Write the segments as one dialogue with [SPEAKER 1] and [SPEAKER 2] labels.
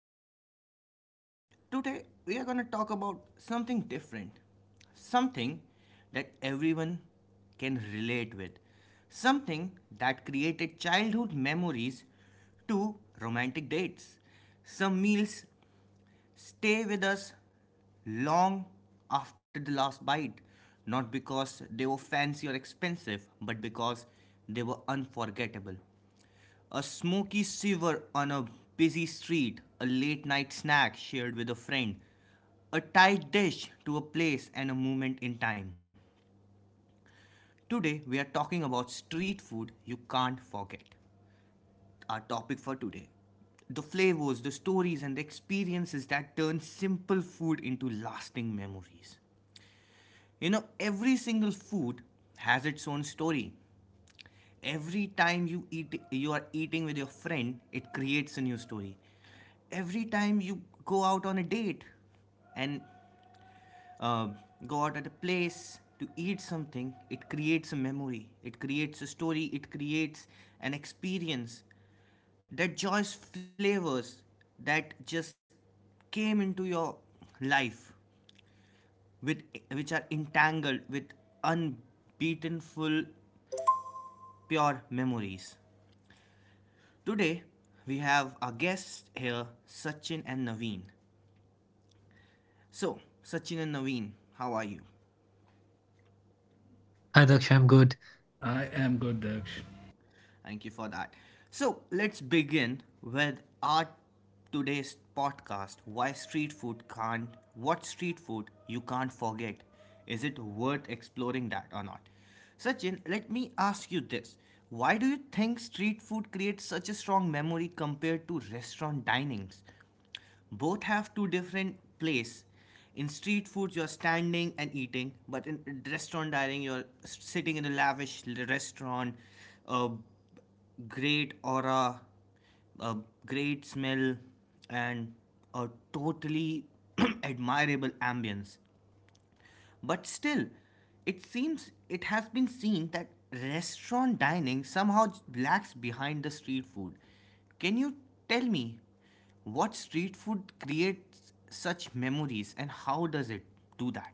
[SPEAKER 1] Daksh, and today we are going to talk about something different, something that everyone can relate with, something that created childhood memories to romantic dates. Some meals stay with us long after the last bite, not because they were fancy or expensive, but because they were unforgettable. A smoky shiver on a busy street, a late night snack shared with a friend, a tight dish to a place and a moment in time. Today, we are talking about street food you can't forget, our topic for today, the flavors, the stories, and the experiences that turn simple food into lasting memories. You know, every single food has its own story. Every time you eat, you are eating with your friend, it creates a new story. Every time you go out on a date, and uh, go out at a place to eat something, it creates a memory, it creates a story, it creates an experience, that joyous flavors that just came into your life with, which are entangled with unbeaten full pure memories. Today we have our guests here, Sachin and Naveen. So Sachin and Naveen, how are you?
[SPEAKER 2] I am good, Daksh.
[SPEAKER 1] Thank you for that. So let's begin with our today's podcast. Why street food can't, what street food you can't forget, is it worth exploring that or not? Sachin, let me ask you this. Why do you think street food creates such a strong memory compared to restaurant dinings? Both have two different place. In street food you're standing and eating, but in restaurant dining you're sitting in a lavish restaurant, a great aura, a great smell, and a totally admirable ambience. But still, it seems it has been seen that restaurant dining somehow lacks behind the street food. Can you tell me what street food creates such memories and how does it do that?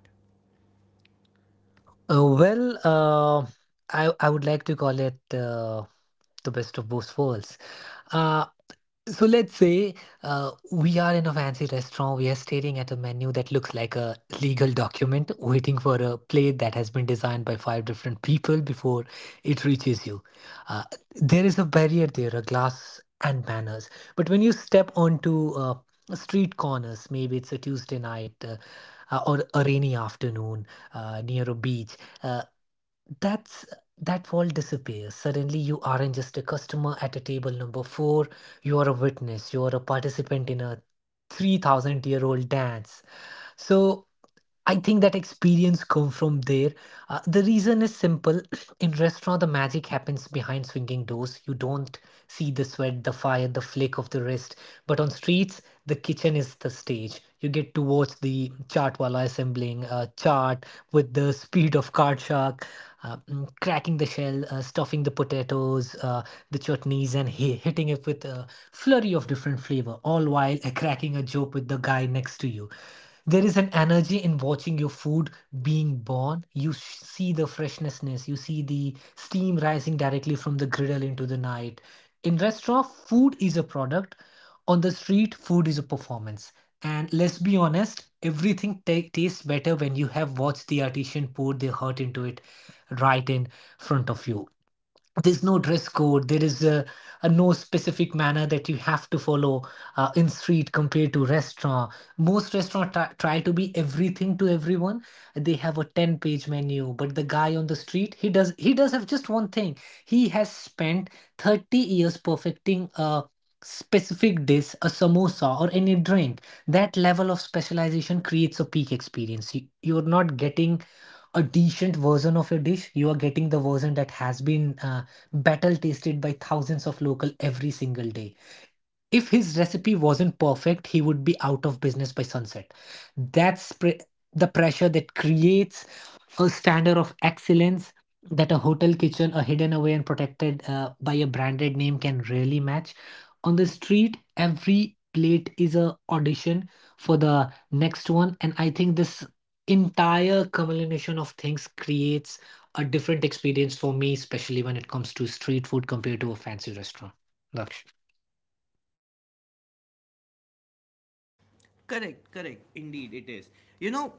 [SPEAKER 1] Correct, correct. Indeed, it is. You know,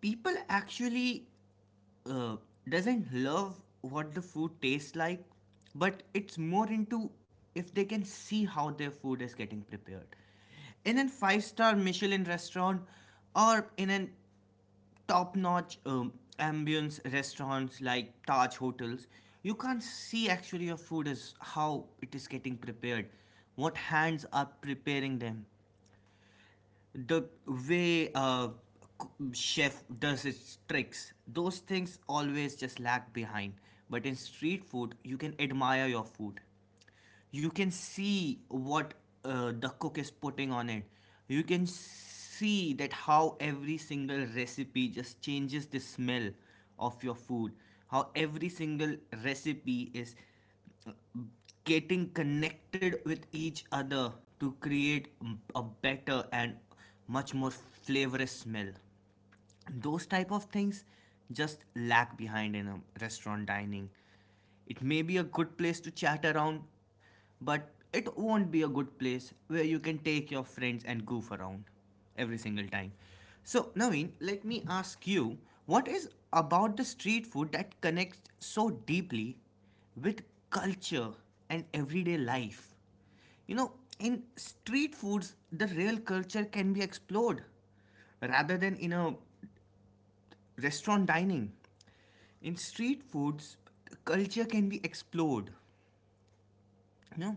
[SPEAKER 1] people actually uh, doesn't love what the food tastes like, but it's more into if they can see how their food is getting prepared. In a five-star Michelin restaurant, or in a top notch ambience restaurants like Taj hotels, you can't see actually your food is how it is getting prepared, what hands are preparing them, the way chef does its tricks. Those things always just lag behind, but in street food you can admire your food, you can see what the cook is putting on it. You can see that how every single recipe just changes the smell of your food, how every single recipe is getting connected with each other to create a better and much more flavorous smell. Those type of things just lag behind in a restaurant dining. It may be a good place to chat around, but it won't be a good place where you can take your friends and goof around every single time. So Naveen, let me ask you, what is about the street food that connects so deeply with culture and everyday life? You know, in street foods, the real culture can be explored rather than in a restaurant dining. In street foods, culture can be explored, no.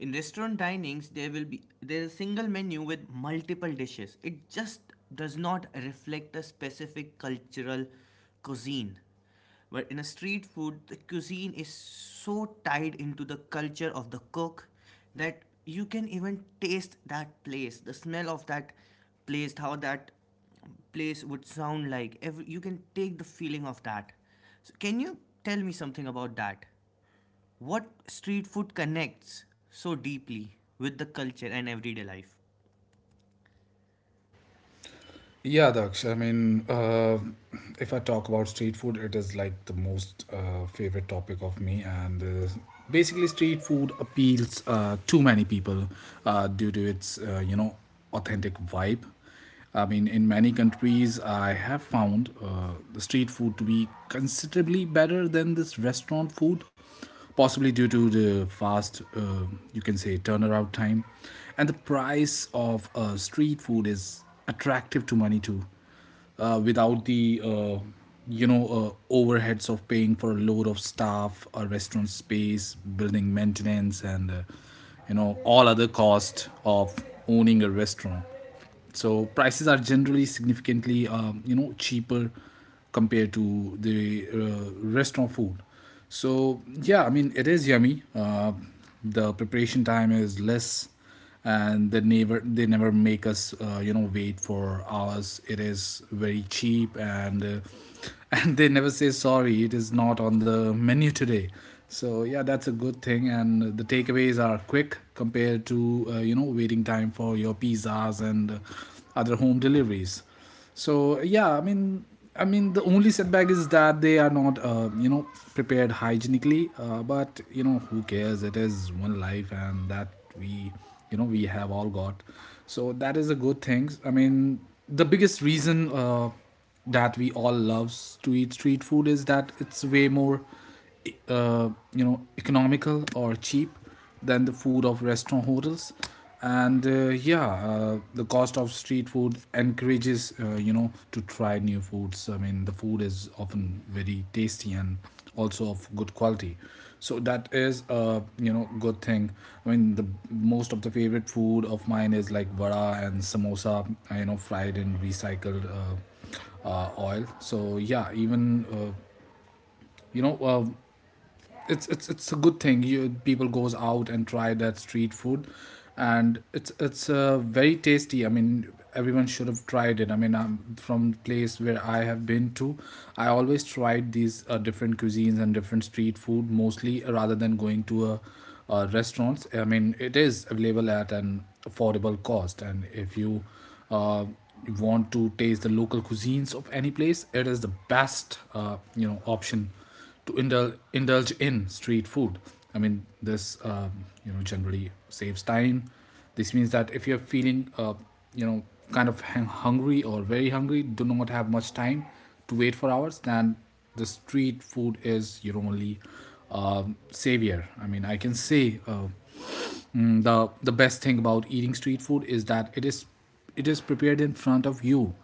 [SPEAKER 1] In restaurant dinings, there will be, there is a single menu with multiple dishes. It just does not reflect a specific cultural cuisine. But in a street food, the cuisine is so tied into the culture of the cook that you can even taste that place, the smell of that place, how that place would sound like. Every, you can take the feeling of that. So can you tell me something about that? What street food connects so deeply with the culture and everyday life?
[SPEAKER 2] Yeah, Daksh. If I talk about street food, it is like the most favorite topic of me, and basically, street food appeals to many people due to its authentic vibe. I mean, in many countries, I have found the street food to be considerably better than this restaurant food, possibly due to the fast, you can say, turnaround time, and the price of street food is attractive to money too, without the overheads of paying for a load of staff, a restaurant space, building maintenance, and all other cost of owning a restaurant. So prices are generally significantly cheaper compared to the restaurant food. So yeah, I mean it is yummy. The preparation time is less and they never make us wait for hours. It is very cheap, and and they never say sorry, it is not on the menu today. So yeah, that's a good thing, and the takeaways are quick compared to waiting time for your pizzas and other home deliveries. So yeah, the only setback is that they are not, prepared hygienically. But you know, who cares? It is one life, and that we, we have all got. So that is a good thing. I mean, the biggest reason that we all loves to eat street food is that it's way more, uh, economical or cheap than the food of restaurant hotels. And yeah, the cost of street food encourages to try new foods. I mean, the food is often very tasty and also of good quality, so that is a good thing. I mean the most of the favorite food of mine is like vada and samosa, fried in recycled oil. So yeah, even you know uh, it's a good thing you people goes out and try that street food. And it's very tasty. I mean, everyone should have tried it. I mean, I'm from place where I have been to, I always tried these different cuisines and different street food mostly, rather than going to a restaurants. I mean, it is available at an affordable cost, and if you uh, want to taste the local cuisines of any place, it is the best option to indulge in street food. I mean, this generally saves time. This means that if you're feeling you know kind of hungry or very hungry, do not have much time to wait for hours, then the street food is your only savior. I mean, I can say, the best thing about eating street food is that it is prepared in front of you.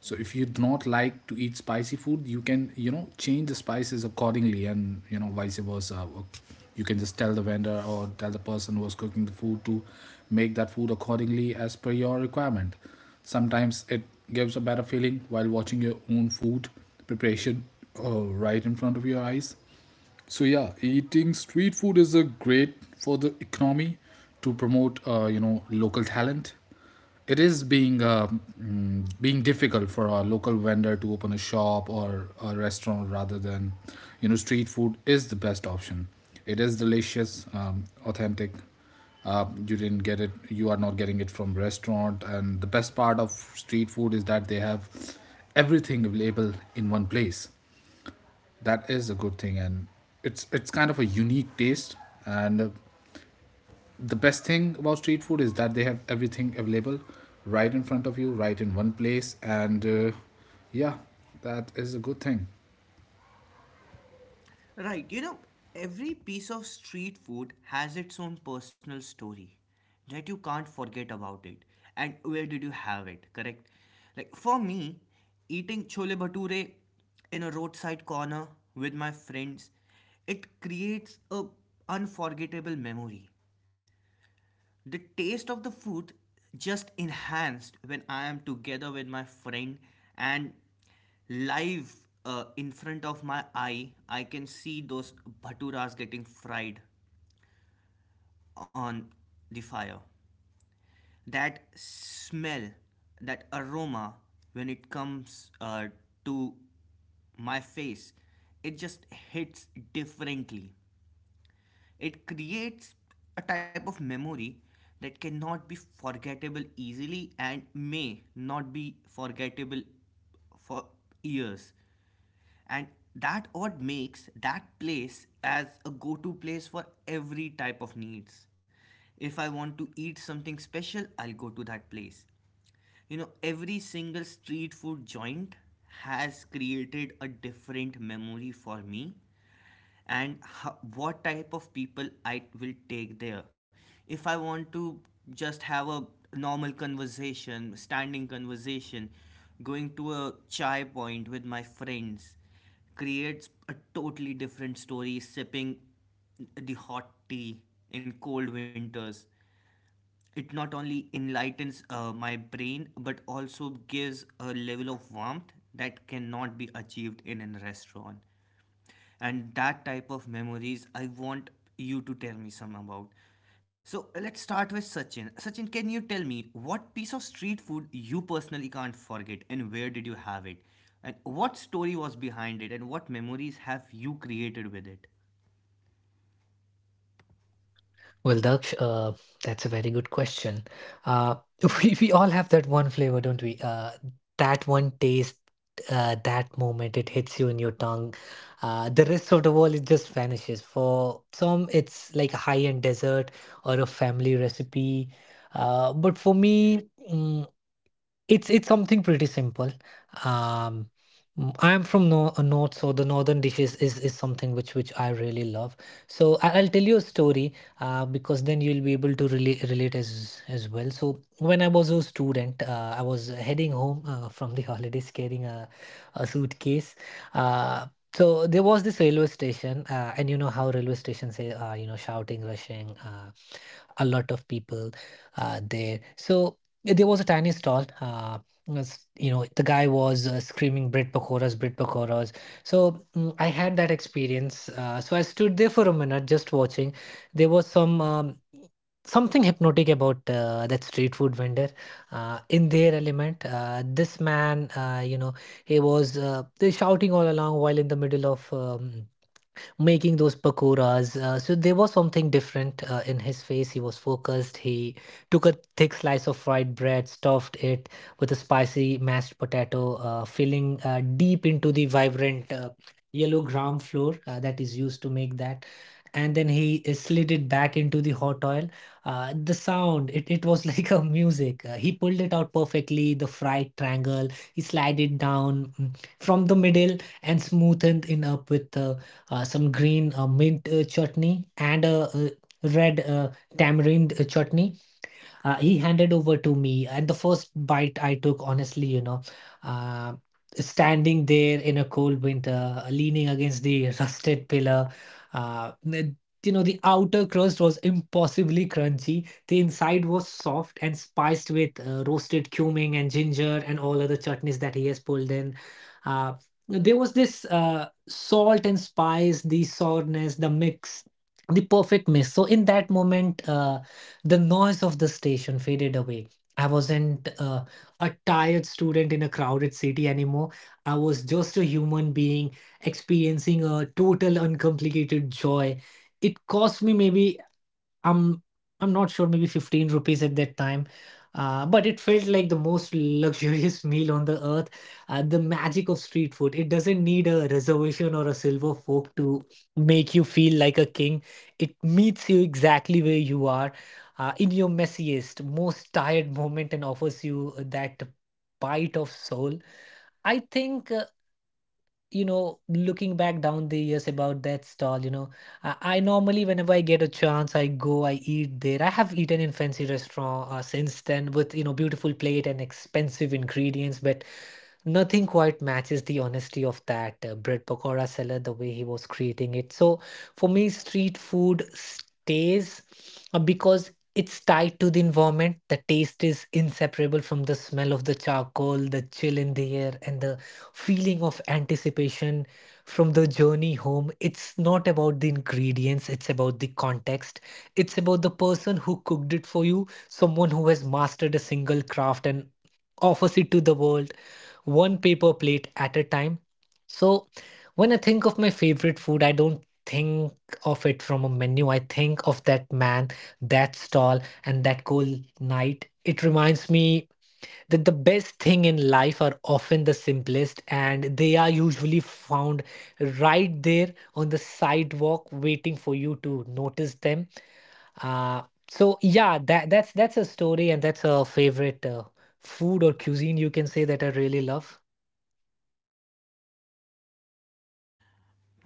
[SPEAKER 2] So if you do not like to eat spicy food, you can change the spices accordingly, and you know vice versa. Or you can just tell the vendor or tell the person who was cooking the food to make that food accordingly as per your requirement. Sometimes it gives a better feeling while watching your own food preparation right in front of your eyes. So yeah, eating street food is a great for the economy to promote local talent. It is being being difficult for a local vendor to open a shop or a restaurant, rather than street food is the best option. It is delicious, authentic. You didn't get it. You are not getting it from restaurant. And the best part of street food is that they have everything available in one place. That is a good thing, and it's kind of a unique taste. And the best thing about street food is that they have everything available right in front of you, right in one place. And yeah, that is a good thing.
[SPEAKER 1] Right, you know, every piece of street food has its own personal story that you can't forget about it. And where did you have it, correct? Like for me, eating chole bhature in a roadside corner with my friends, it creates a unforgettable memory. The taste of the food just enhanced when I am together with my friend, and live in front of my eye. I can see those bhaturas getting fried on the fire. That smell, that aroma, when it comes to my face, it just hits differently. It creates a type of memory that cannot be forgettable easily and may not be forgettable for years. And that what makes that place as a go to place for every type of needs. If I want to eat something special, I'll go to that place. You know, every single street food joint has created a different memory for me, and what type of people I will take there. If I want to just have a normal conversation, standing conversation, going to a chai point with my friends creates a totally different story, sipping the hot tea in cold winters. It not only enlightens my brain, but also gives a level of warmth that cannot be achieved in a restaurant. And that type of memories I want you to tell me some about. So let's start with Sachin. Sachin, can you tell me what piece of street food you personally can't forget and where did you have it? And what story was behind it, and what memories have you created with it?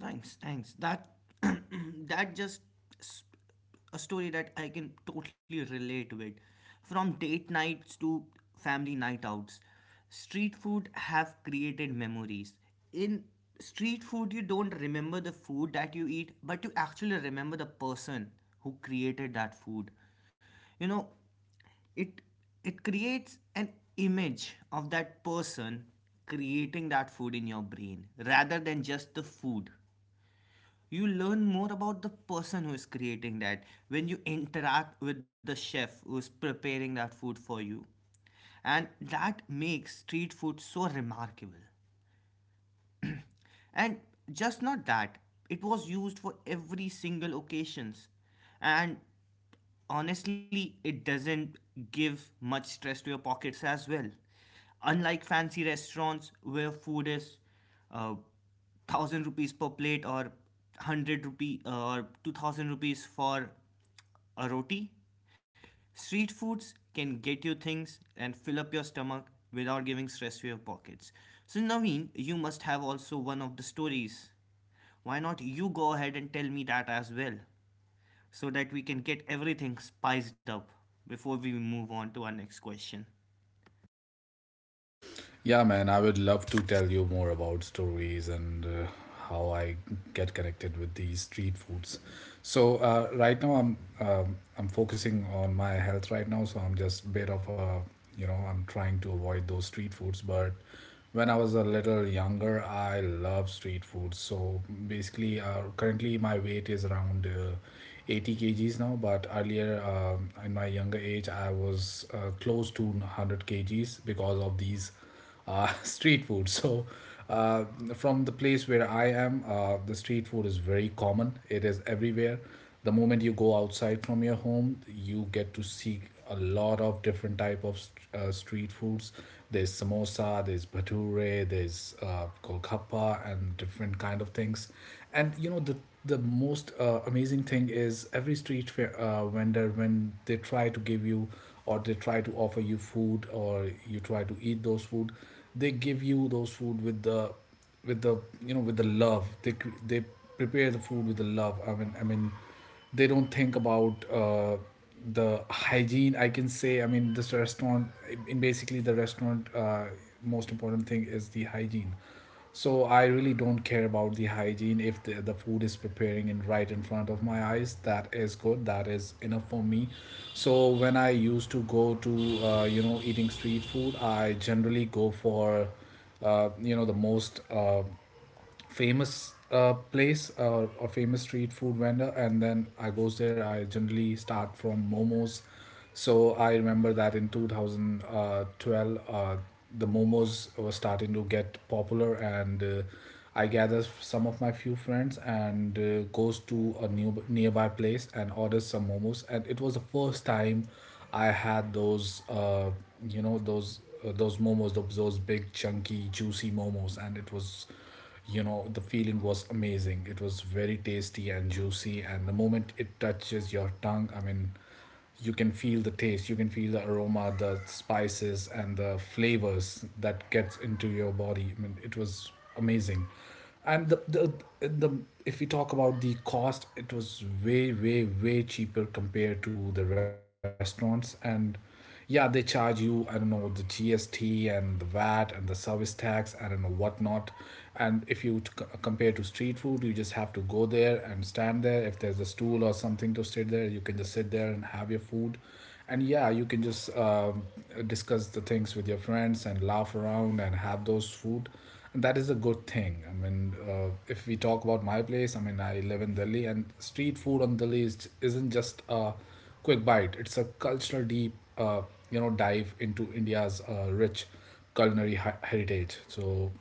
[SPEAKER 1] Thanks, thanks. That that just s- a story that I can totally relate with. From date nights to family night outs, street food have created memories. In street food, you don't remember the food that you eat, but you actually remember the person who created that food. You know, it it creates an image of that person creating that food in your brain rather than just the food. You learn more about the person who is creating that when you interact with the chef who's preparing that food for you, and that makes street food so remarkable. And just not that, it was used for every single occasions. And honestly, it doesn't give much stress to your pockets as well. Unlike fancy restaurants where food is 1,000 rupees per plate, or 100 rupee, or 2,000 rupees for a roti, street foods can get you things and fill up your stomach without giving stress to your pockets. So Naveen, you must have also one of the stories. Why not you go ahead and tell me that as well, so that we can get everything spiced up before we move on to our next question.
[SPEAKER 2] Yeah, man, I would love to tell you more about stories and how I get connected with these street foods. So right now I'm focusing on my health right now, so I'm just bit of a I'm trying to avoid those street foods. But when I was a little younger, I love street food. So basically, currently my weight is around 80 kgs now, but earlier in my younger age, I was close to 100 kgs because of these street food. So, uh, from the place where I am, the street food is very common. It is everywhere. The moment you go outside from your home, you get to see a lot of different type of street foods. There's samosa, there's bhature, there's golgappa, and different kind of things. And you know the most amazing thing is every street fair, vendor when they try to give you or they try to offer you food or you try to eat those food, they give you those food with the with the love. They prepare the food with the love. I mean, they don't think about the hygiene, I can say. I mean, this restaurant, in basically the restaurant, most important thing is the hygiene. So I really don't care about the hygiene. If the food is preparing in right in front of my eyes, that is good, that is enough for me. So when I used to go to eating street food, I generally go for the most famous place or a famous street food vendor, and then I goes there. I generally start from momos. So I remember that in 2012, the momos were starting to get popular, and I gather some of my few friends and goes to a new nearby place and orders some momos, and it was the first time I had those those momos, those big chunky juicy momos. And it was the feeling was amazing. It was very tasty and juicy, and the moment it touches your tongue, I mean, you can feel the taste, you can feel the aroma, the spices and the flavors that gets into your body. I mean, it was amazing. And the if we talk about the cost, it was way way way cheaper compared to the restaurants. And yeah, they charge you, I don't know, the GST and the VAT and the service tax, I don't know whatnot. And if you compare to street food, you just have to go there and stand there. If there's a stool or something to sit there, you can just sit there and have your food. And yeah, you can just discuss the things with your friends and laugh around and have those food. And that is a good thing. I mean, if we talk about my place, I mean, I live in Delhi, and street food on Delhi is, isn't just a Quick Bite. It's a cultural deep, dive into India's rich culinary heritage. So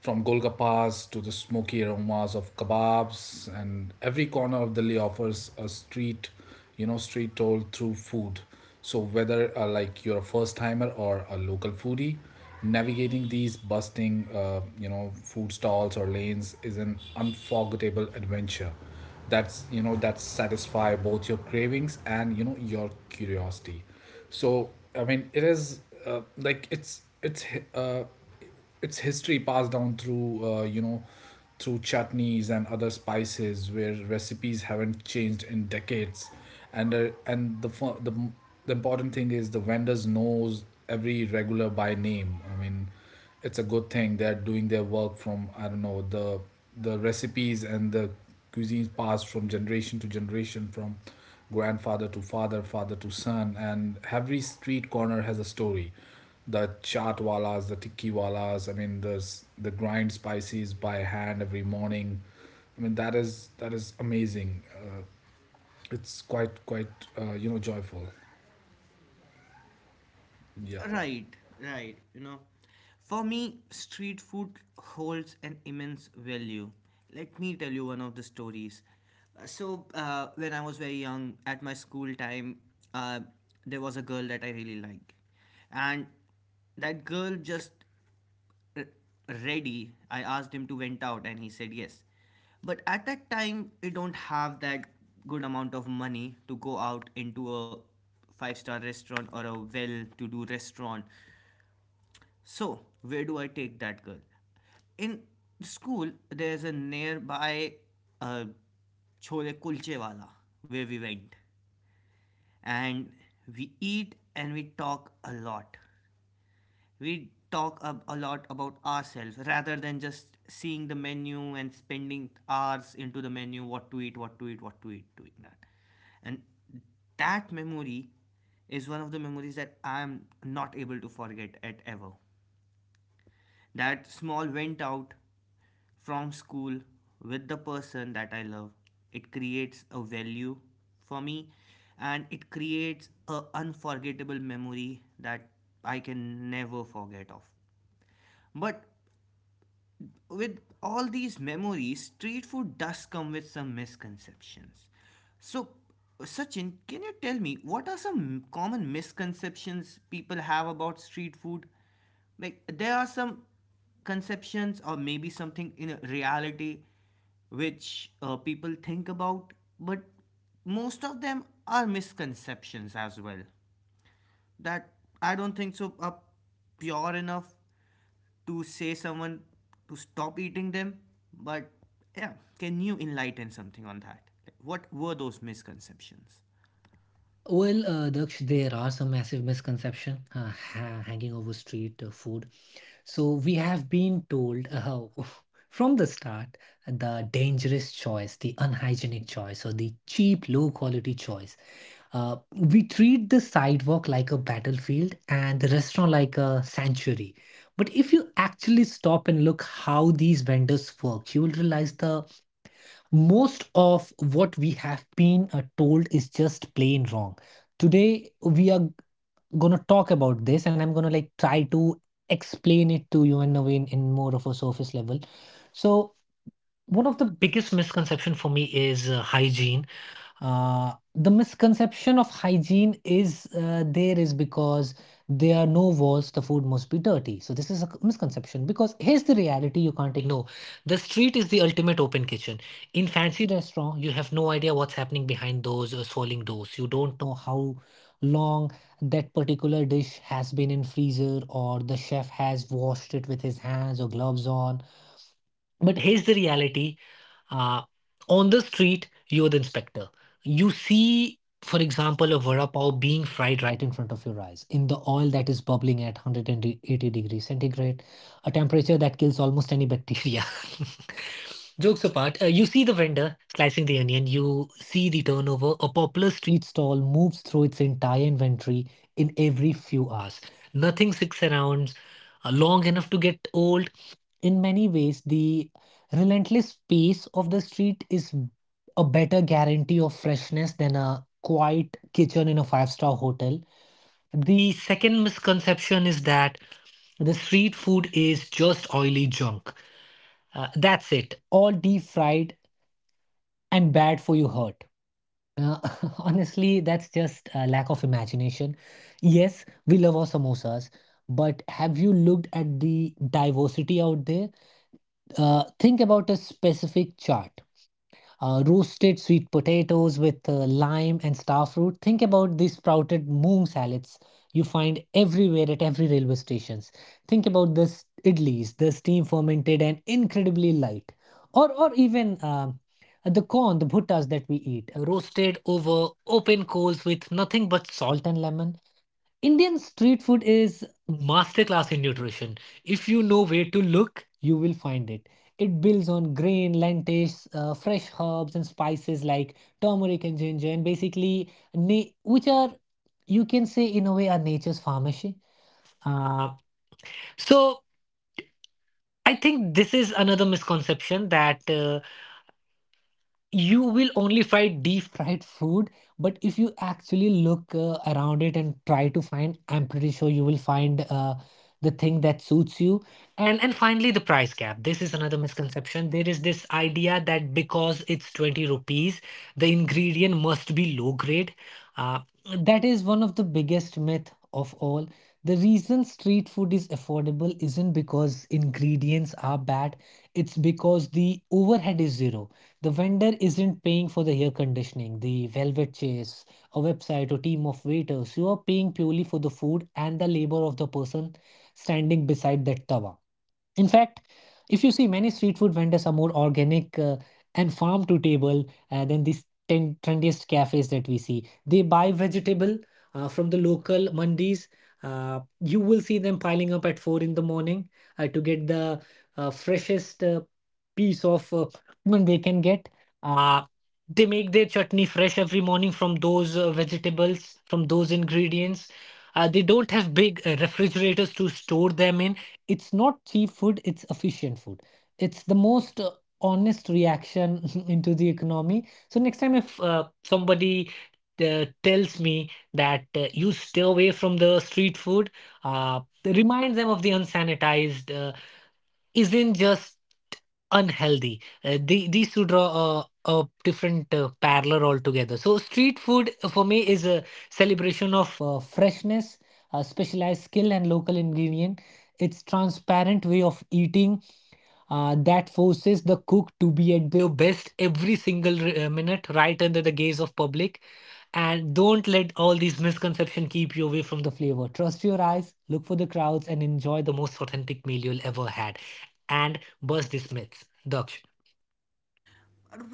[SPEAKER 2] from Golgappas to the smoky aromas of kebabs, and every corner of Delhi offers a street, street toll through food. So whether like you're a first timer or a local foodie, navigating these bustling, food stalls or lanes is an unforgettable adventure. That's that satisfy both your cravings and your curiosity. So I mean, it is like it's uh, its history passed down through through chutneys and other spices where recipes haven't changed in decades. And the important thing is the vendors knows every regular by name. I mean, it's a good thing they're doing their work from, I don't know, the recipes and the cuisines passed from generation to generation, from grandfather to father, father to son, and every street corner has a story, the chaat walas, the tikki walas. I mean, there's the grind spices by hand every morning. I mean, that is amazing. It's quite joyful. Yeah.
[SPEAKER 1] Right, right. You know, for me, street food holds an immense value. Let me tell you one of the stories. When I was very young, at my school time, uh, there was a girl that I really liked, and that girl just ready. I asked him to went out and he said yes, but at that time we don't have that good amount of money to go out into a five-star restaurant or a well to do restaurant. So where do I take that girl? In school, there's a nearby uh, chole kulche wala, where we went and we eat and we talk a lot. We talk a lot about ourselves rather than just seeing the menu and spending hours into the menu, what to eat, what to eat, what to eat, doing that. And that memory is one of the memories that I am not able to forget at ever. That small went out from school with the person that I love, it creates a value for me, and it creates a unforgettable memory that I can never forget of. But with all these memories, street food does come with some misconceptions. So, Sachin, can you tell me what are some common misconceptions people have about street food? Like, there are some conceptions or maybe something in reality which people think about, but most of them are misconceptions as well, that I don't think so are pure enough to say someone to stop eating them. But yeah, can you enlighten something on that? Like, what were those misconceptions?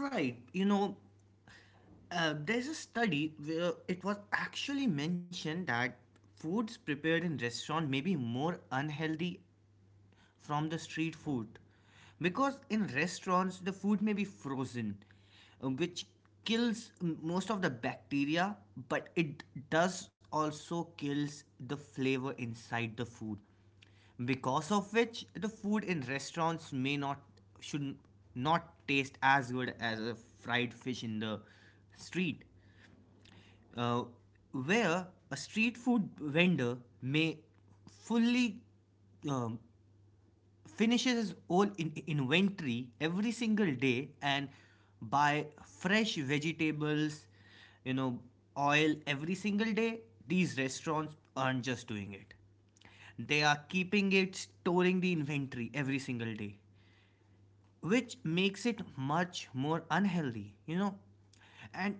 [SPEAKER 1] Right, you know, there's a study where it was actually mentioned that foods prepared in restaurant may be more unhealthy from the street food, because in restaurants the food may be frozen, which kills most of the bacteria, but it does also kills the flavor inside the food, because of which the food in restaurants may not, should not taste as good as a fried fish in the street. uh, where a street food vendor may fully um, finishes his whole inventory every single day and buy fresh vegetables, you know, oil every single day, these restaurants aren't just doing it. They are keeping it, storing the inventory every single day, which makes it much more unhealthy, you know. And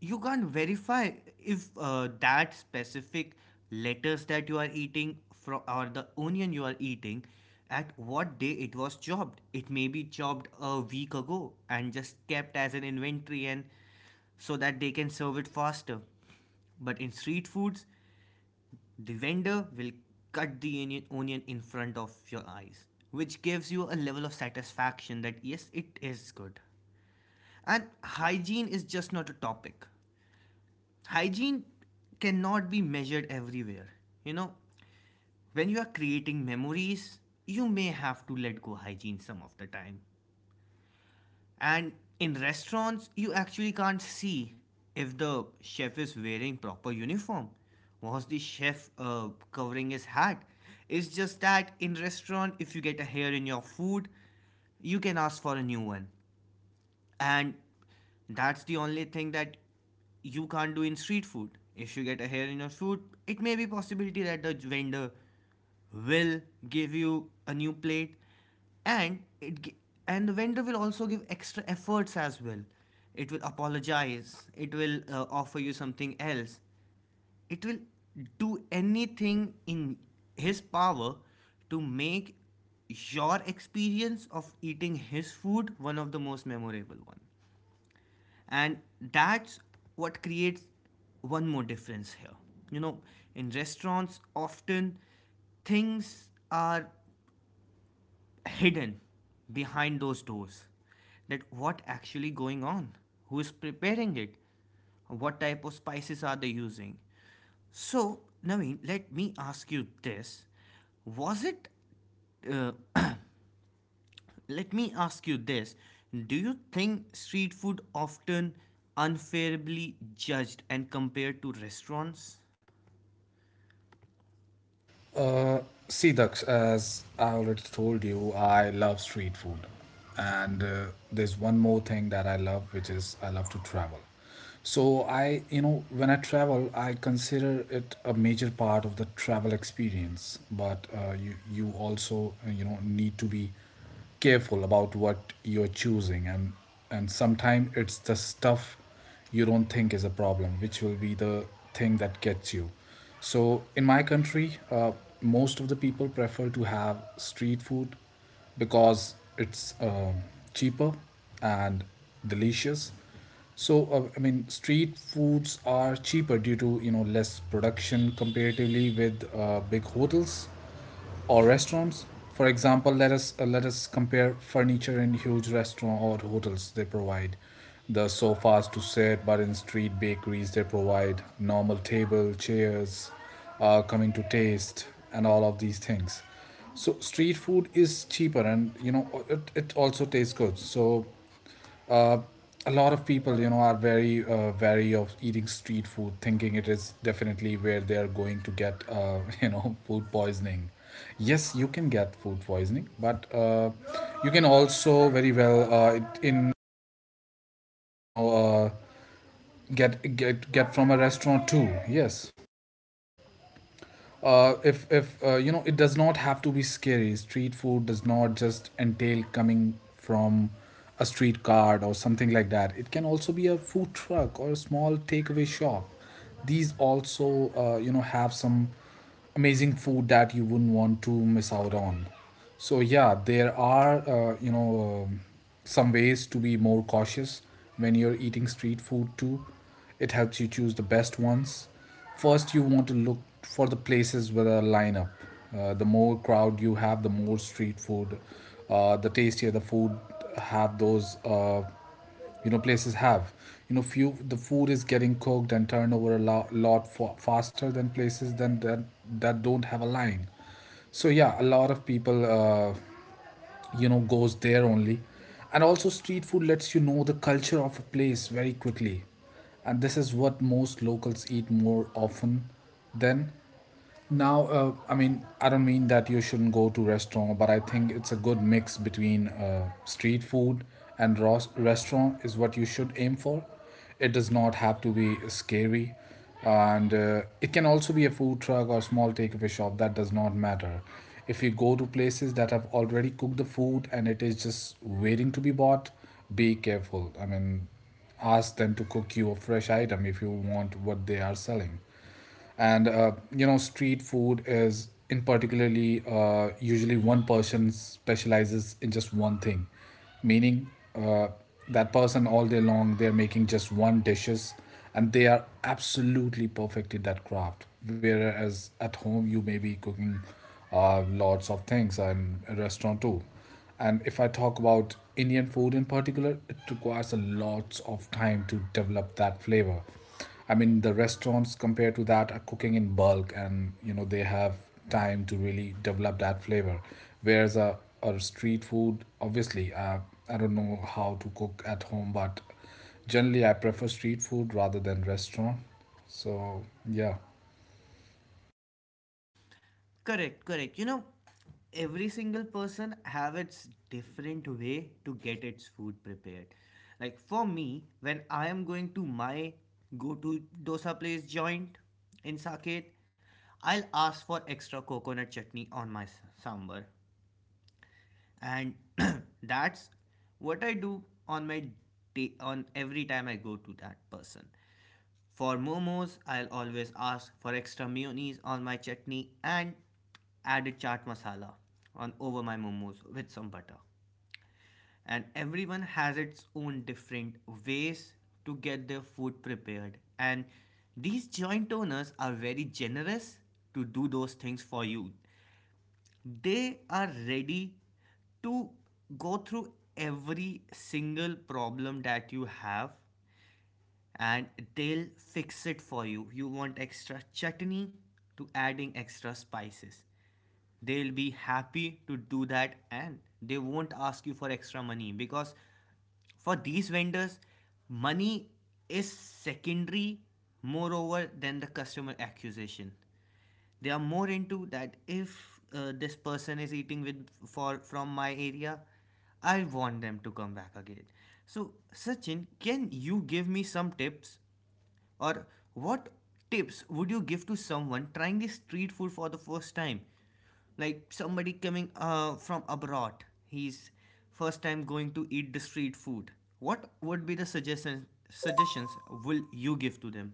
[SPEAKER 1] you can't verify if that specific lettuce that you are eating from, or the onion you are eating, at what day it was chopped. It may be chopped a week ago and just kept as an inventory and so that they can serve it faster. But in street foods, the vendor will cut the onion- in front of your eyes, which gives you a level of satisfaction that yes, it is good. And hygiene is just not a topic. Hygiene cannot be measured everywhere. You know, when you are creating memories, you may have to let go hygiene some of the time. And in restaurants, you actually can't see if the chef is wearing proper uniform. Was the chef covering his hat? It's just that in restaurant, if you get a hair in your food, you can ask for a new one. And that's the only thing that you can't do in street food. If you get a hair in your food, it may be possibility that the vendor will give you a new plate and it and the vendor will also give extra efforts as well. It will apologize, it will offer you something else, it will do anything in his power to make your experience of eating his food one of the most memorable one. And that's what creates one more difference here. You know, in restaurants, often things are hidden behind those doors, that what actually going on, who is preparing it, what type of spices are they using. So Naveen, let me ask you this. Was it uh, Let me ask you this. Do you think street food often unfairly judged and compared to restaurants?
[SPEAKER 2] Uh, see, Daksh, as I already told you, I love street food. And there's one more thing that I love, which is I love to travel. So I, you know, when I travel, I consider it a major part of the travel experience. But you also, need to be careful about what you're choosing, and sometimes it's the stuff you don't think is a problem, which will be the thing that gets you. So in my country, most of the people prefer to have street food because it's cheaper and delicious. So I mean, street foods are cheaper due to less production comparatively with big hotels or restaurants. For example, let us compare furniture in huge restaurant or hotels. They provide the sofas to sit, but in street bakeries they provide normal table chairs. Uh, coming to taste, and all of these things. So street food is cheaper, and you know it also tastes good. So uh, a lot of people, you know, are very wary of eating street food, thinking it is definitely where they are going to get, you know, food poisoning. Yes, you can get food poisoning, but you can also very well you know, uh, get from a restaurant too. Yes. If you know it does not have to be scary. Street food does not just entail coming from a street cart or something like that. It can also be a food truck or a small takeaway shop. These also have some amazing food that you wouldn't want to miss out on. So yeah, there are some ways to be more cautious when you're eating street food too. It helps you choose the best ones. First, you want to look for the places with a lineup. The more crowd you have, the more street food, the tastier the food. Have those places have few. The food is getting cooked and turned over a lot, faster than places than that that don't have a line. So yeah, a lot of people, goes there only. And also street food lets you know the culture of a place very quickly, and this is what most locals eat more often than. Now I mean, I don't mean that you shouldn't go to restaurant, but I think it's a good mix between street food and restaurant is what you should aim for. It does not have to be scary. And it can also be a food truck or small takeaway shop. That does not matter. If you go to places that have already cooked the food and it is just waiting to be bought, be careful. I mean, ask them to cook you a fresh item if you want what they are selling. And you know, street food is in particularly usually one person specializes in just one thing, meaning uh, that person all day long they're making just one dishes, and they are absolutely perfect in that craft, whereas at home you may be cooking lots of things and a restaurant too. And if I talk about Indian food in particular, it requires a lot of time to develop that flavor. I mean, the restaurants compared to that are cooking in bulk and you know they have time to really develop that flavor. Whereas a street food, obviously, I don't know how to cook at home, but generally I prefer street food rather than restaurant. So, yeah.
[SPEAKER 1] Correct, correct. You know, every single person have its different way to get its food prepared. Like for me, when I am going to my go-to dosa place joint in Saket, I'll ask for extra coconut chutney on my s- sambar. And that's what I do on my day, on every time I go to that person. For momos, I'll always ask for extra mayonnaise on my chutney and add a chaat masala on over my momos with some butter. And everyone has its own different ways to get their food prepared, and these joint owners are very generous to do those things for you. They are ready to go through every single problem that you have, and they'll fix it for you. You want extra chutney to adding extra spices, they'll be happy to do that, and they won't ask you for extra money because for these vendors, money is secondary, moreover than the customer accusation. They are more into that if this person is eating with for from my area, I want them to come back again. So Sachin, can you give me some tips, or what tips would you give to someone trying this street food for the first time? Like somebody coming from abroad, he's first time going to eat the street food. What would be the suggestions, suggestions will you give to them?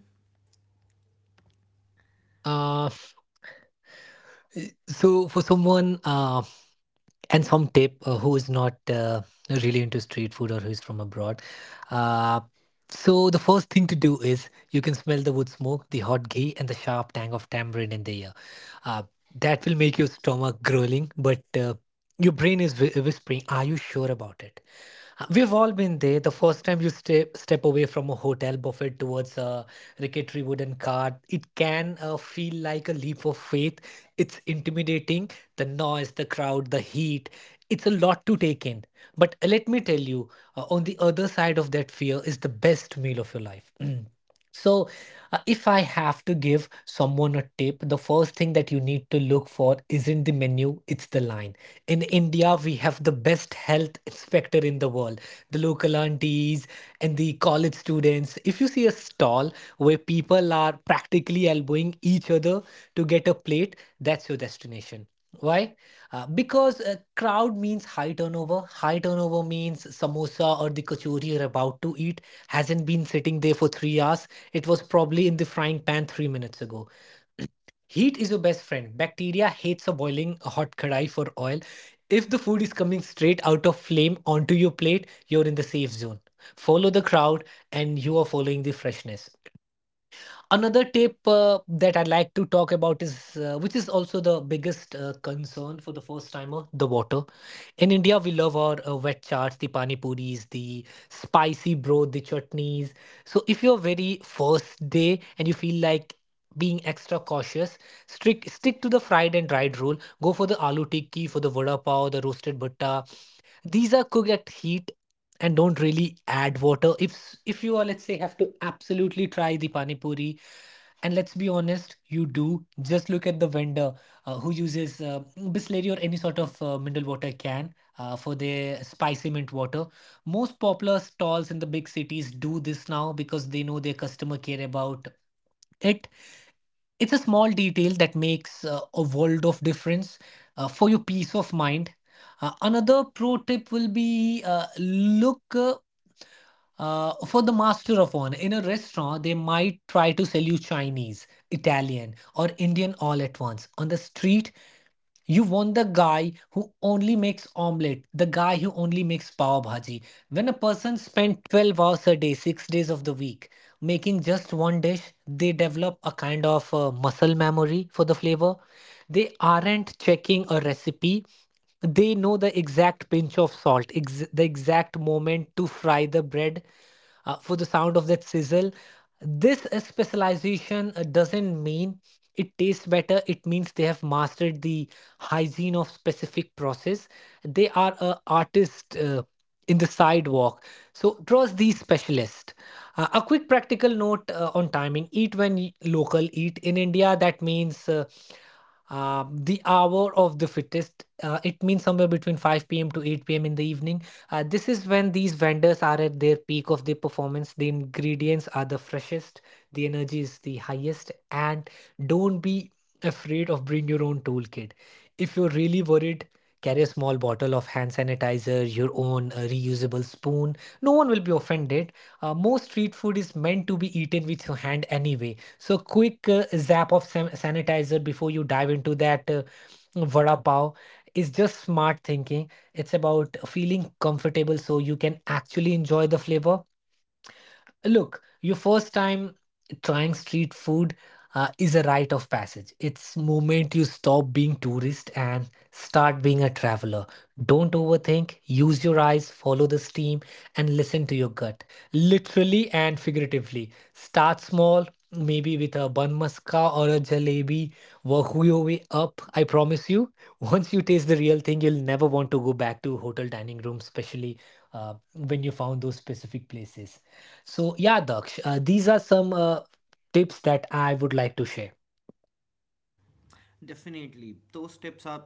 [SPEAKER 1] Definitely, those tips are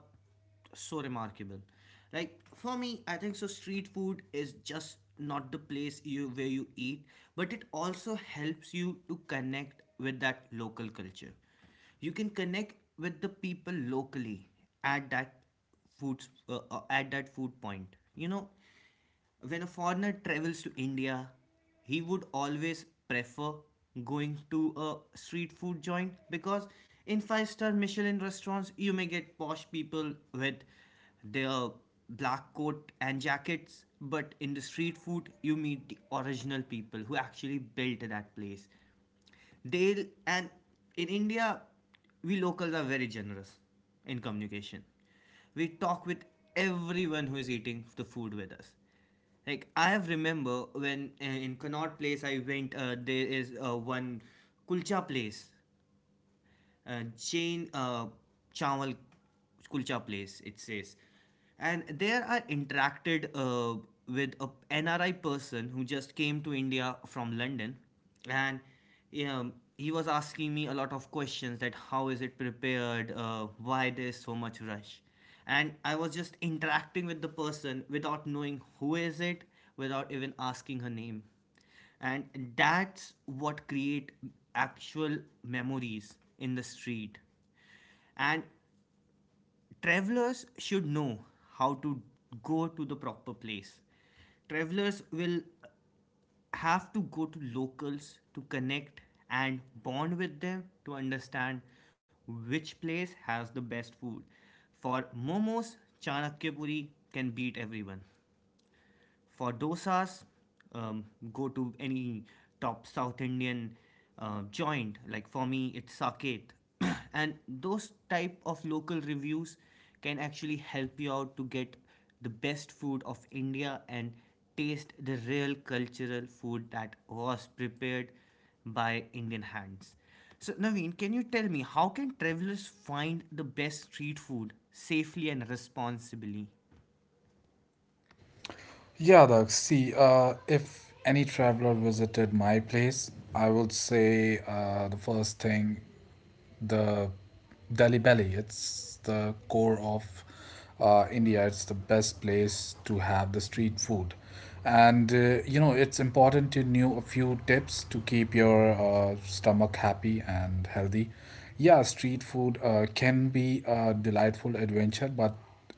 [SPEAKER 1] so remarkable. Like for me, I think so. Street food is just not the place you where you eat, but it also helps you to connect with that local culture. You can connect with the people locally at that foods at that food point. You know, when a foreigner travels to India, he would always prefer going to a street food joint because in five-star Michelin restaurants, you may get posh people with their black coat and jackets, but in the street food, you meet the original people who actually built that place. They'll and in India, we locals are very generous in communication. We talk with everyone who is eating the food with us. Like I have remember when in Connaught Place I went, there is one kulcha place, Jane Chawal Kulcha place, it says. And there I interacted with a NRI person who just came to India from London. And he was asking me a lot of questions that how is it prepared, why there is so much rush. And I was just interacting with the person without knowing who is it, without even asking her name. And that's what create actual memories in the street. And travelers should know how to go to the proper place. Travelers will have to go to locals to connect and bond with them to understand which place has the best food. For momos, Chanakyapuri can beat everyone. For dosas, um, go to any top South Indian joint. Like for me, it's Saket, and those type of local reviews can actually help you out to get the best food of India and taste the real cultural food that was prepared by Indian hands. So Naveen, can you tell me how can travelers find the best street food safely and responsibly?
[SPEAKER 2] Yeah, Doug. See, if any traveler visited my place, I would say the first thing, the Delhi Belly. It's the core of India. It's the best place to have the street food. And you know, it's important to know a few tips to keep your stomach happy and healthy. Yeah, street food can be a delightful adventure, but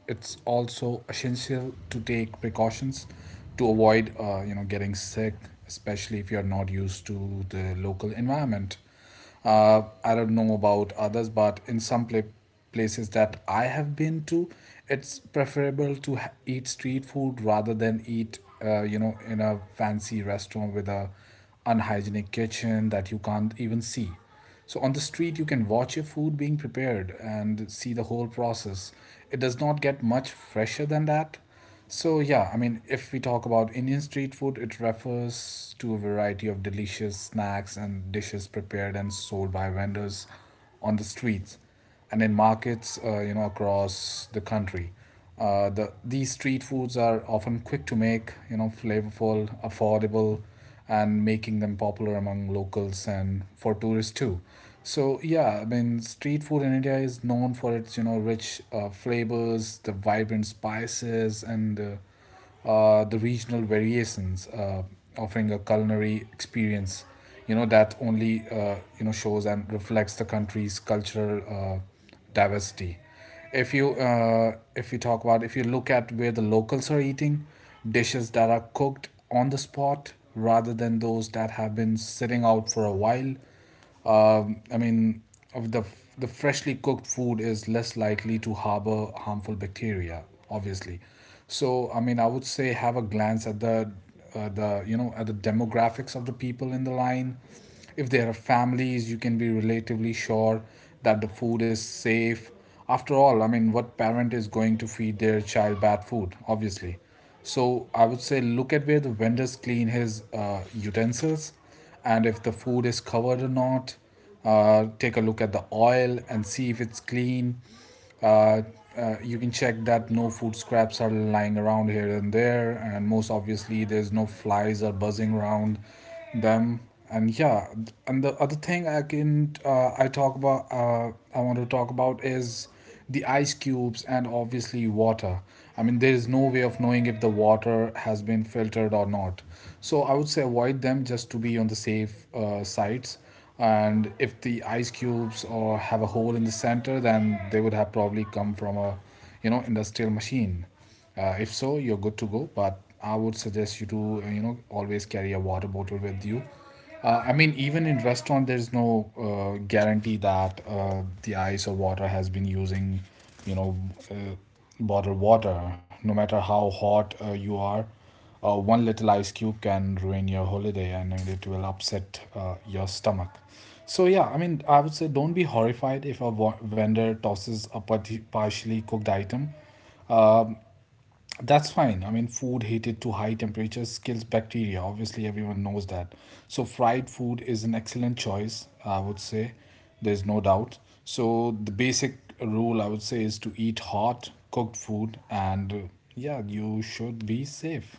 [SPEAKER 2] it's also essential to take precautions to avoid you know getting sick, especially if you're not used to the local environment. I don't know about others, but in some places that I have been to, it's preferable to eat street food rather than eat, you know, in a fancy restaurant with a unhygienic kitchen that you can't even see. So on the street, you can watch your food being prepared and see the whole process. It does not get much fresher than that. So, yeah, I mean, if we talk about Indian street food, it refers to a variety of delicious snacks and dishes prepared and sold by vendors on the streets and in markets, you know, across the country. These street foods are often quick to make, you know, flavorful, affordable, and making them popular among locals and for tourists too. So yeah, I mean, street food in India is known for its you know rich flavors, the vibrant spices, and the regional variations, offering a culinary experience, you know that only you know shows and reflects the country's cultural diversity. If you talk about, if you look at where the locals are eating dishes that are cooked on the spot rather than those that have been sitting out for a while. I mean, of the freshly cooked food is less likely to harbor harmful bacteria, obviously. So I mean, I would say have a glance at the you know at the demographics of the people in the line. If there are families you can be relatively sure that the food is safe. After all, I mean, what parent is going to feed their child bad food? Obviously. So I would say look at where the vendors clean his utensils, and if the food is covered or not. Take a look at the oil and see if it's clean. Uh, you can check that no food scraps are lying around here and there, and most obviously, there's no flies are buzzing around them. And yeah, and the other thing I can I talk about, I want to talk about is the ice cubes and obviously water. I mean, there is no way of knowing if the water has been filtered or not. So I would say avoid them just to be on the safe sides. And if the ice cubes or have a hole in the center, then they would have probably come from a, you know, industrial machine. If so, you're good to go. But I would suggest you to, you know, always carry a water bottle with you. I mean, even in restaurant, there's no guarantee that the ice or water has been using, you know, uh, bottled water. No matter how hot you are, one little ice cube can ruin your holiday and it will upset your stomach. So, yeah, I mean, I would say don't be horrified if a vendor tosses a partially cooked item. That's fine. I mean, food heated to high temperatures kills bacteria. Obviously, everyone knows that. So, fried food is an excellent choice, I would say. There's no doubt. So, the basic rule I would say is to eat hot cooked food, and yeah, you should be safe.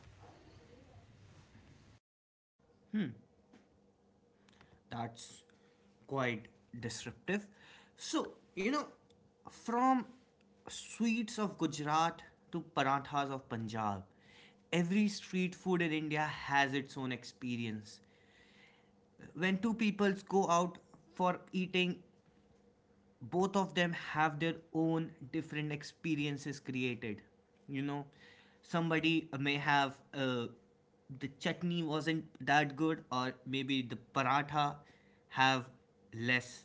[SPEAKER 1] That's quite disruptive. So, you know, from sweets of Gujarat to parathas of Punjab, every street food in India has its own experience. When two peoples go out for eating, both of them have their own different experiences created. You know, somebody may have the chutney wasn't that good, or maybe the paratha have less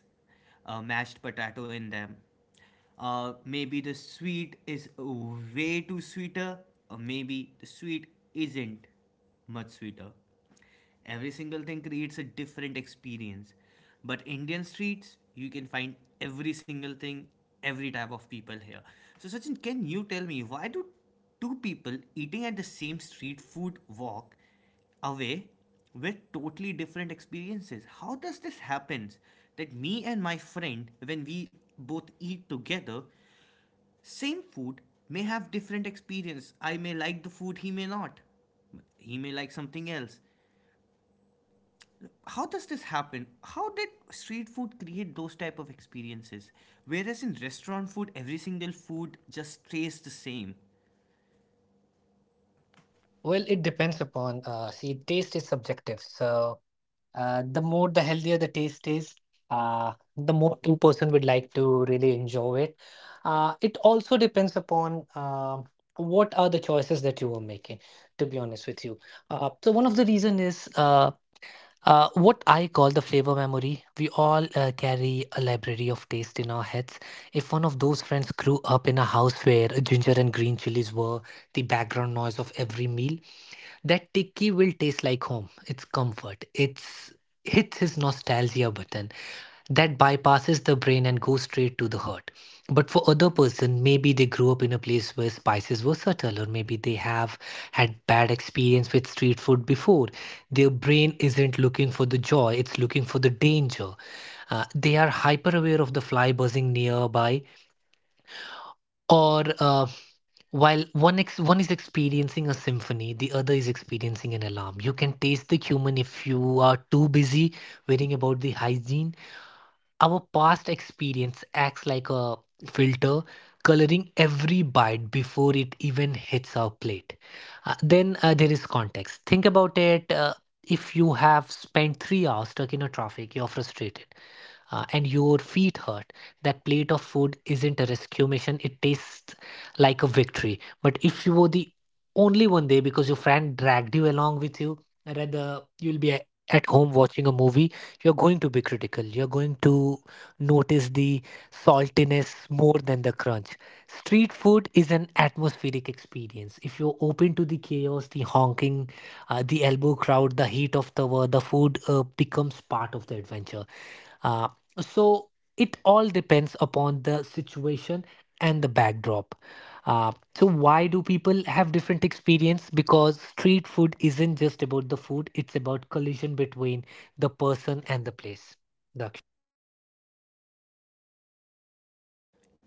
[SPEAKER 1] mashed potato in them, maybe the sweet is way too sweeter, or maybe the sweet isn't much sweeter. Every single thing creates a different experience. But Indian streets, you can find every single thing, every type of people here. So, Sachin, can you tell me why do two people eating at the same street food walk away with totally different experiences? How does this happen? That me and my friend, when we both eat together, same food may have different experience. I may like the food, he may not, he may like something else. How does this happen? How did street food create those type of experiences, whereas in restaurant food every single food just tastes the same?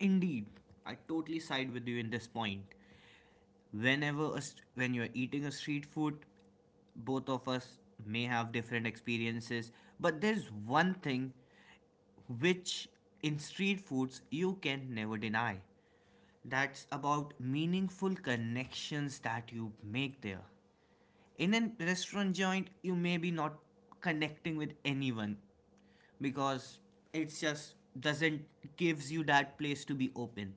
[SPEAKER 1] Indeed, I totally side with you in this point. Whenever a st- when you're eating a street food, both of us may have different experiences, but there's one thing which in street foods you can never deny. That's about meaningful connections that you make there. In a restaurant joint, you may be not connecting with anyone because it's just doesn't gives you that place to be open.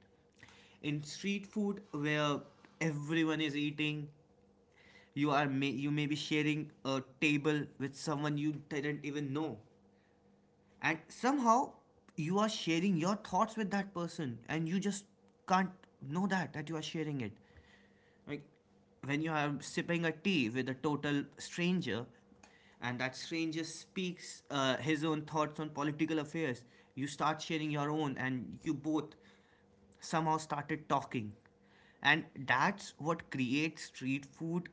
[SPEAKER 1] In street food where everyone is eating, you are may, you may be sharing a table with someone you didn't even know, and somehow you are sharing your thoughts with that person and you just can't know that that you are sharing it. Like when you are sipping a tea with a total stranger, and that stranger speaks his own thoughts on political affairs, you start sharing your own, and you both somehow started talking. And that's what creates street food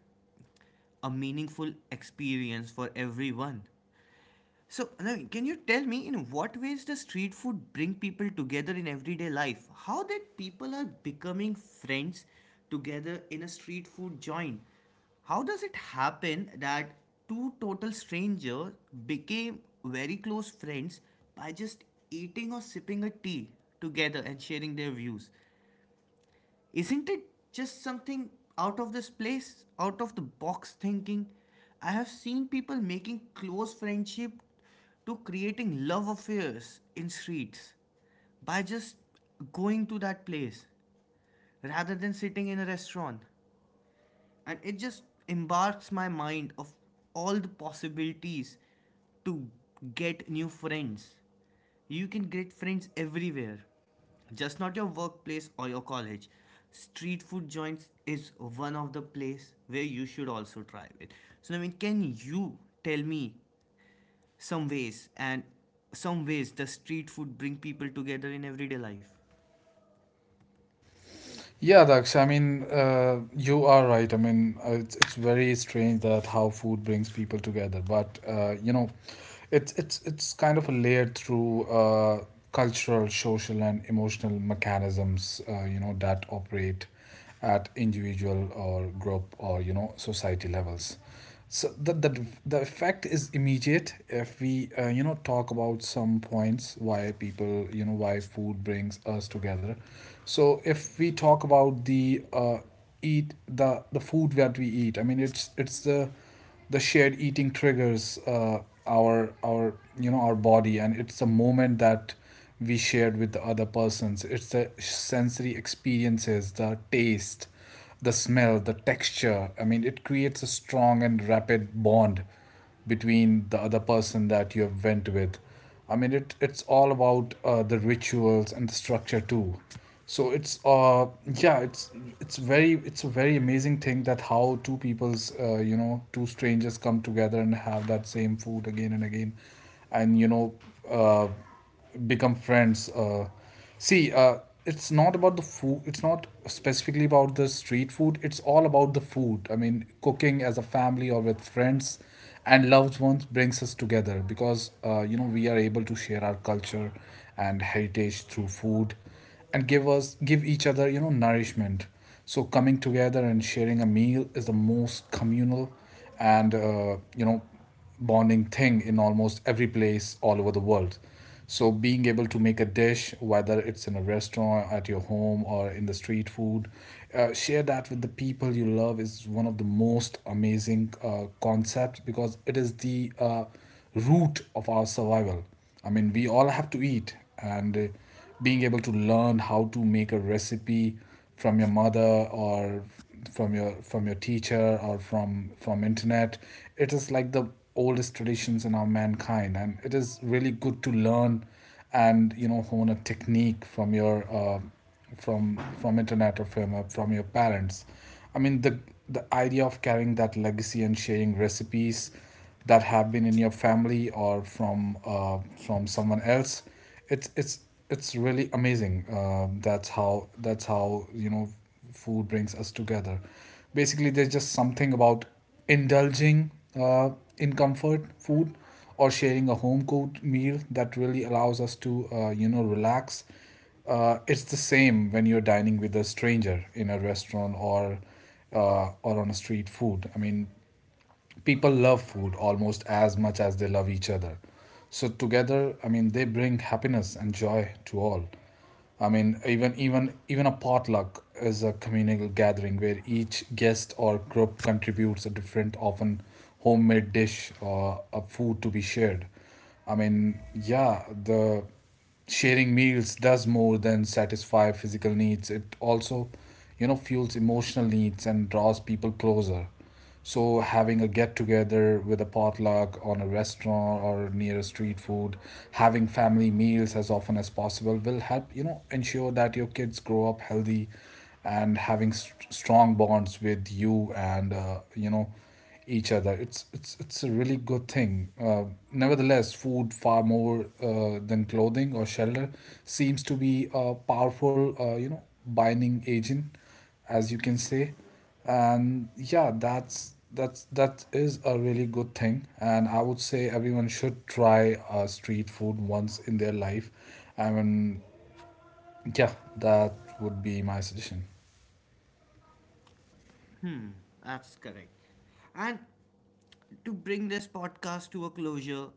[SPEAKER 1] a meaningful experience for everyone. So, Naveen, can you tell me in what ways does street food bring people together in everyday life? How that people are becoming friends together in a street food joint? How does it happen that two total strangers became very close friends by just eating or sipping a tea together and sharing their views? Isn't it just something out of this place, out of the box thinking? I have seen people making close friendship to creating love affairs in streets by just going to that place rather than sitting in a restaurant, and it just embarks my mind of all the possibilities to get new friends. You can get friends everywhere, just not your workplace or your college. Street food joints is one of the place where you should also try it. So I mean, can you tell me some ways and some ways the street food bring people together in everyday life?
[SPEAKER 2] Yeah, Daksh, I mean, you are right. I mean, it's very strange that how food brings people together. But, you know, it's kind of a layered through cultural, social, and emotional mechanisms, you know, that operate at individual or group or you know society levels. So the effect is immediate if we you know talk about some points why people you know why food brings us together. So if we talk about the eat the food that we eat, I mean it's the shared eating triggers our you know our body, and it's a moment that we shared with the other persons. It's the sensory experiences, the taste, the smell, the texture. I mean, it creates a strong and rapid bond between the other person that you have went with. I mean, it's all about the rituals and the structure too. So it's yeah, it's very, it's a very amazing thing that how two people's you know two strangers come together and have that same food again and again, and you know, uh become friends. See, it's not about the food, it's not specifically about the street food, it's all about the food. I mean, cooking as a family or with friends and loved ones brings us together because you know we are able to share our culture and heritage through food, and give us give each other you know nourishment. So coming together and sharing a meal is the most communal and you know bonding thing in almost every place all over the world. So being able to make a dish, whether it's in a restaurant, at your home, or in the street food, share that with the people you love is one of the most amazing concepts because it is the root of our survival. I mean, we all have to eat, and being able to learn how to make a recipe from your mother, or from your teacher, or from internet, it is like the oldest traditions in our mankind, and it is really good to learn and you know hone a technique from your from internet or from your parents. I mean, the idea of carrying that legacy and sharing recipes that have been in your family or from someone else, it's it's it's really amazing. That's how, that's how you know food brings us together basically. There's just something about indulging uh, in comfort food or sharing a home cooked meal that really allows us to you know relax. Uh, it's the same when you're dining with a stranger in a restaurant, or on a street food. I mean, people love food almost as much as they love each other. So together, I mean, they bring happiness and joy to all. I mean, even a potluck is a communal gathering where each guest or group contributes a different often homemade dish or a food to be shared. I mean yeah, the sharing meals does more than satisfy physical needs. It also you know fuels emotional needs and draws people closer. So having a get together with a potluck on a restaurant or near a street food, having family meals as often as possible will help you know ensure that your kids grow up healthy and having strong bonds with you and you know each other. It's a really good thing. Nevertheless, food far more than clothing or shelter seems to be a powerful you know binding agent, as you can say, and yeah, that's that is a really good thing. And I would say everyone should try street food once in their life. I mean, yeah, that would be my suggestion.
[SPEAKER 1] That's correct. And to bring this podcast to a closure,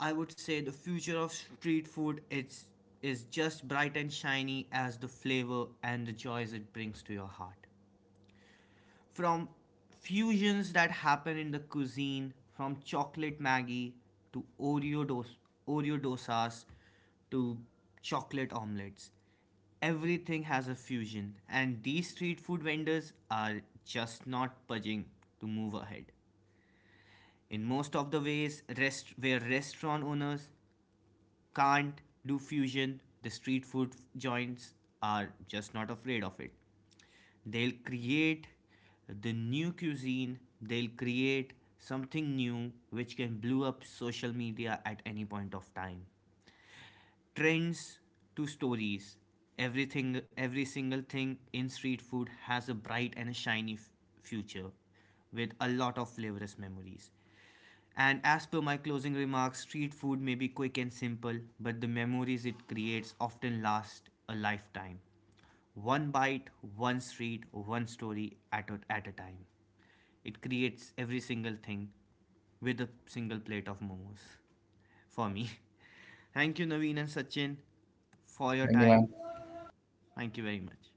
[SPEAKER 1] I would say the future of street food is just bright and shiny as the flavor and the joys it brings to your heart. From fusions that happen in the cuisine, from chocolate Maggie to Oreo dos- Oreo dosas to chocolate omelets, everything has a fusion, and these street food vendors are just not budging to move ahead in most of the ways rest, where restaurant owners can't do fusion, the street food joints are just not afraid of it. They'll create the new cuisine, they'll create something new which can blow up social media at any point of time. Trends to stories, everything, every single thing in street food has a bright and a shiny f- future with a lot of flavorous memories. And as per my closing remarks, street food may be quick and simple, but the memories it creates often last a lifetime. One bite, one street, one story at a time, it creates every single thing with a single plate of momos for me. Thank you, Naveen and Sachin, for your time. Thank you very much.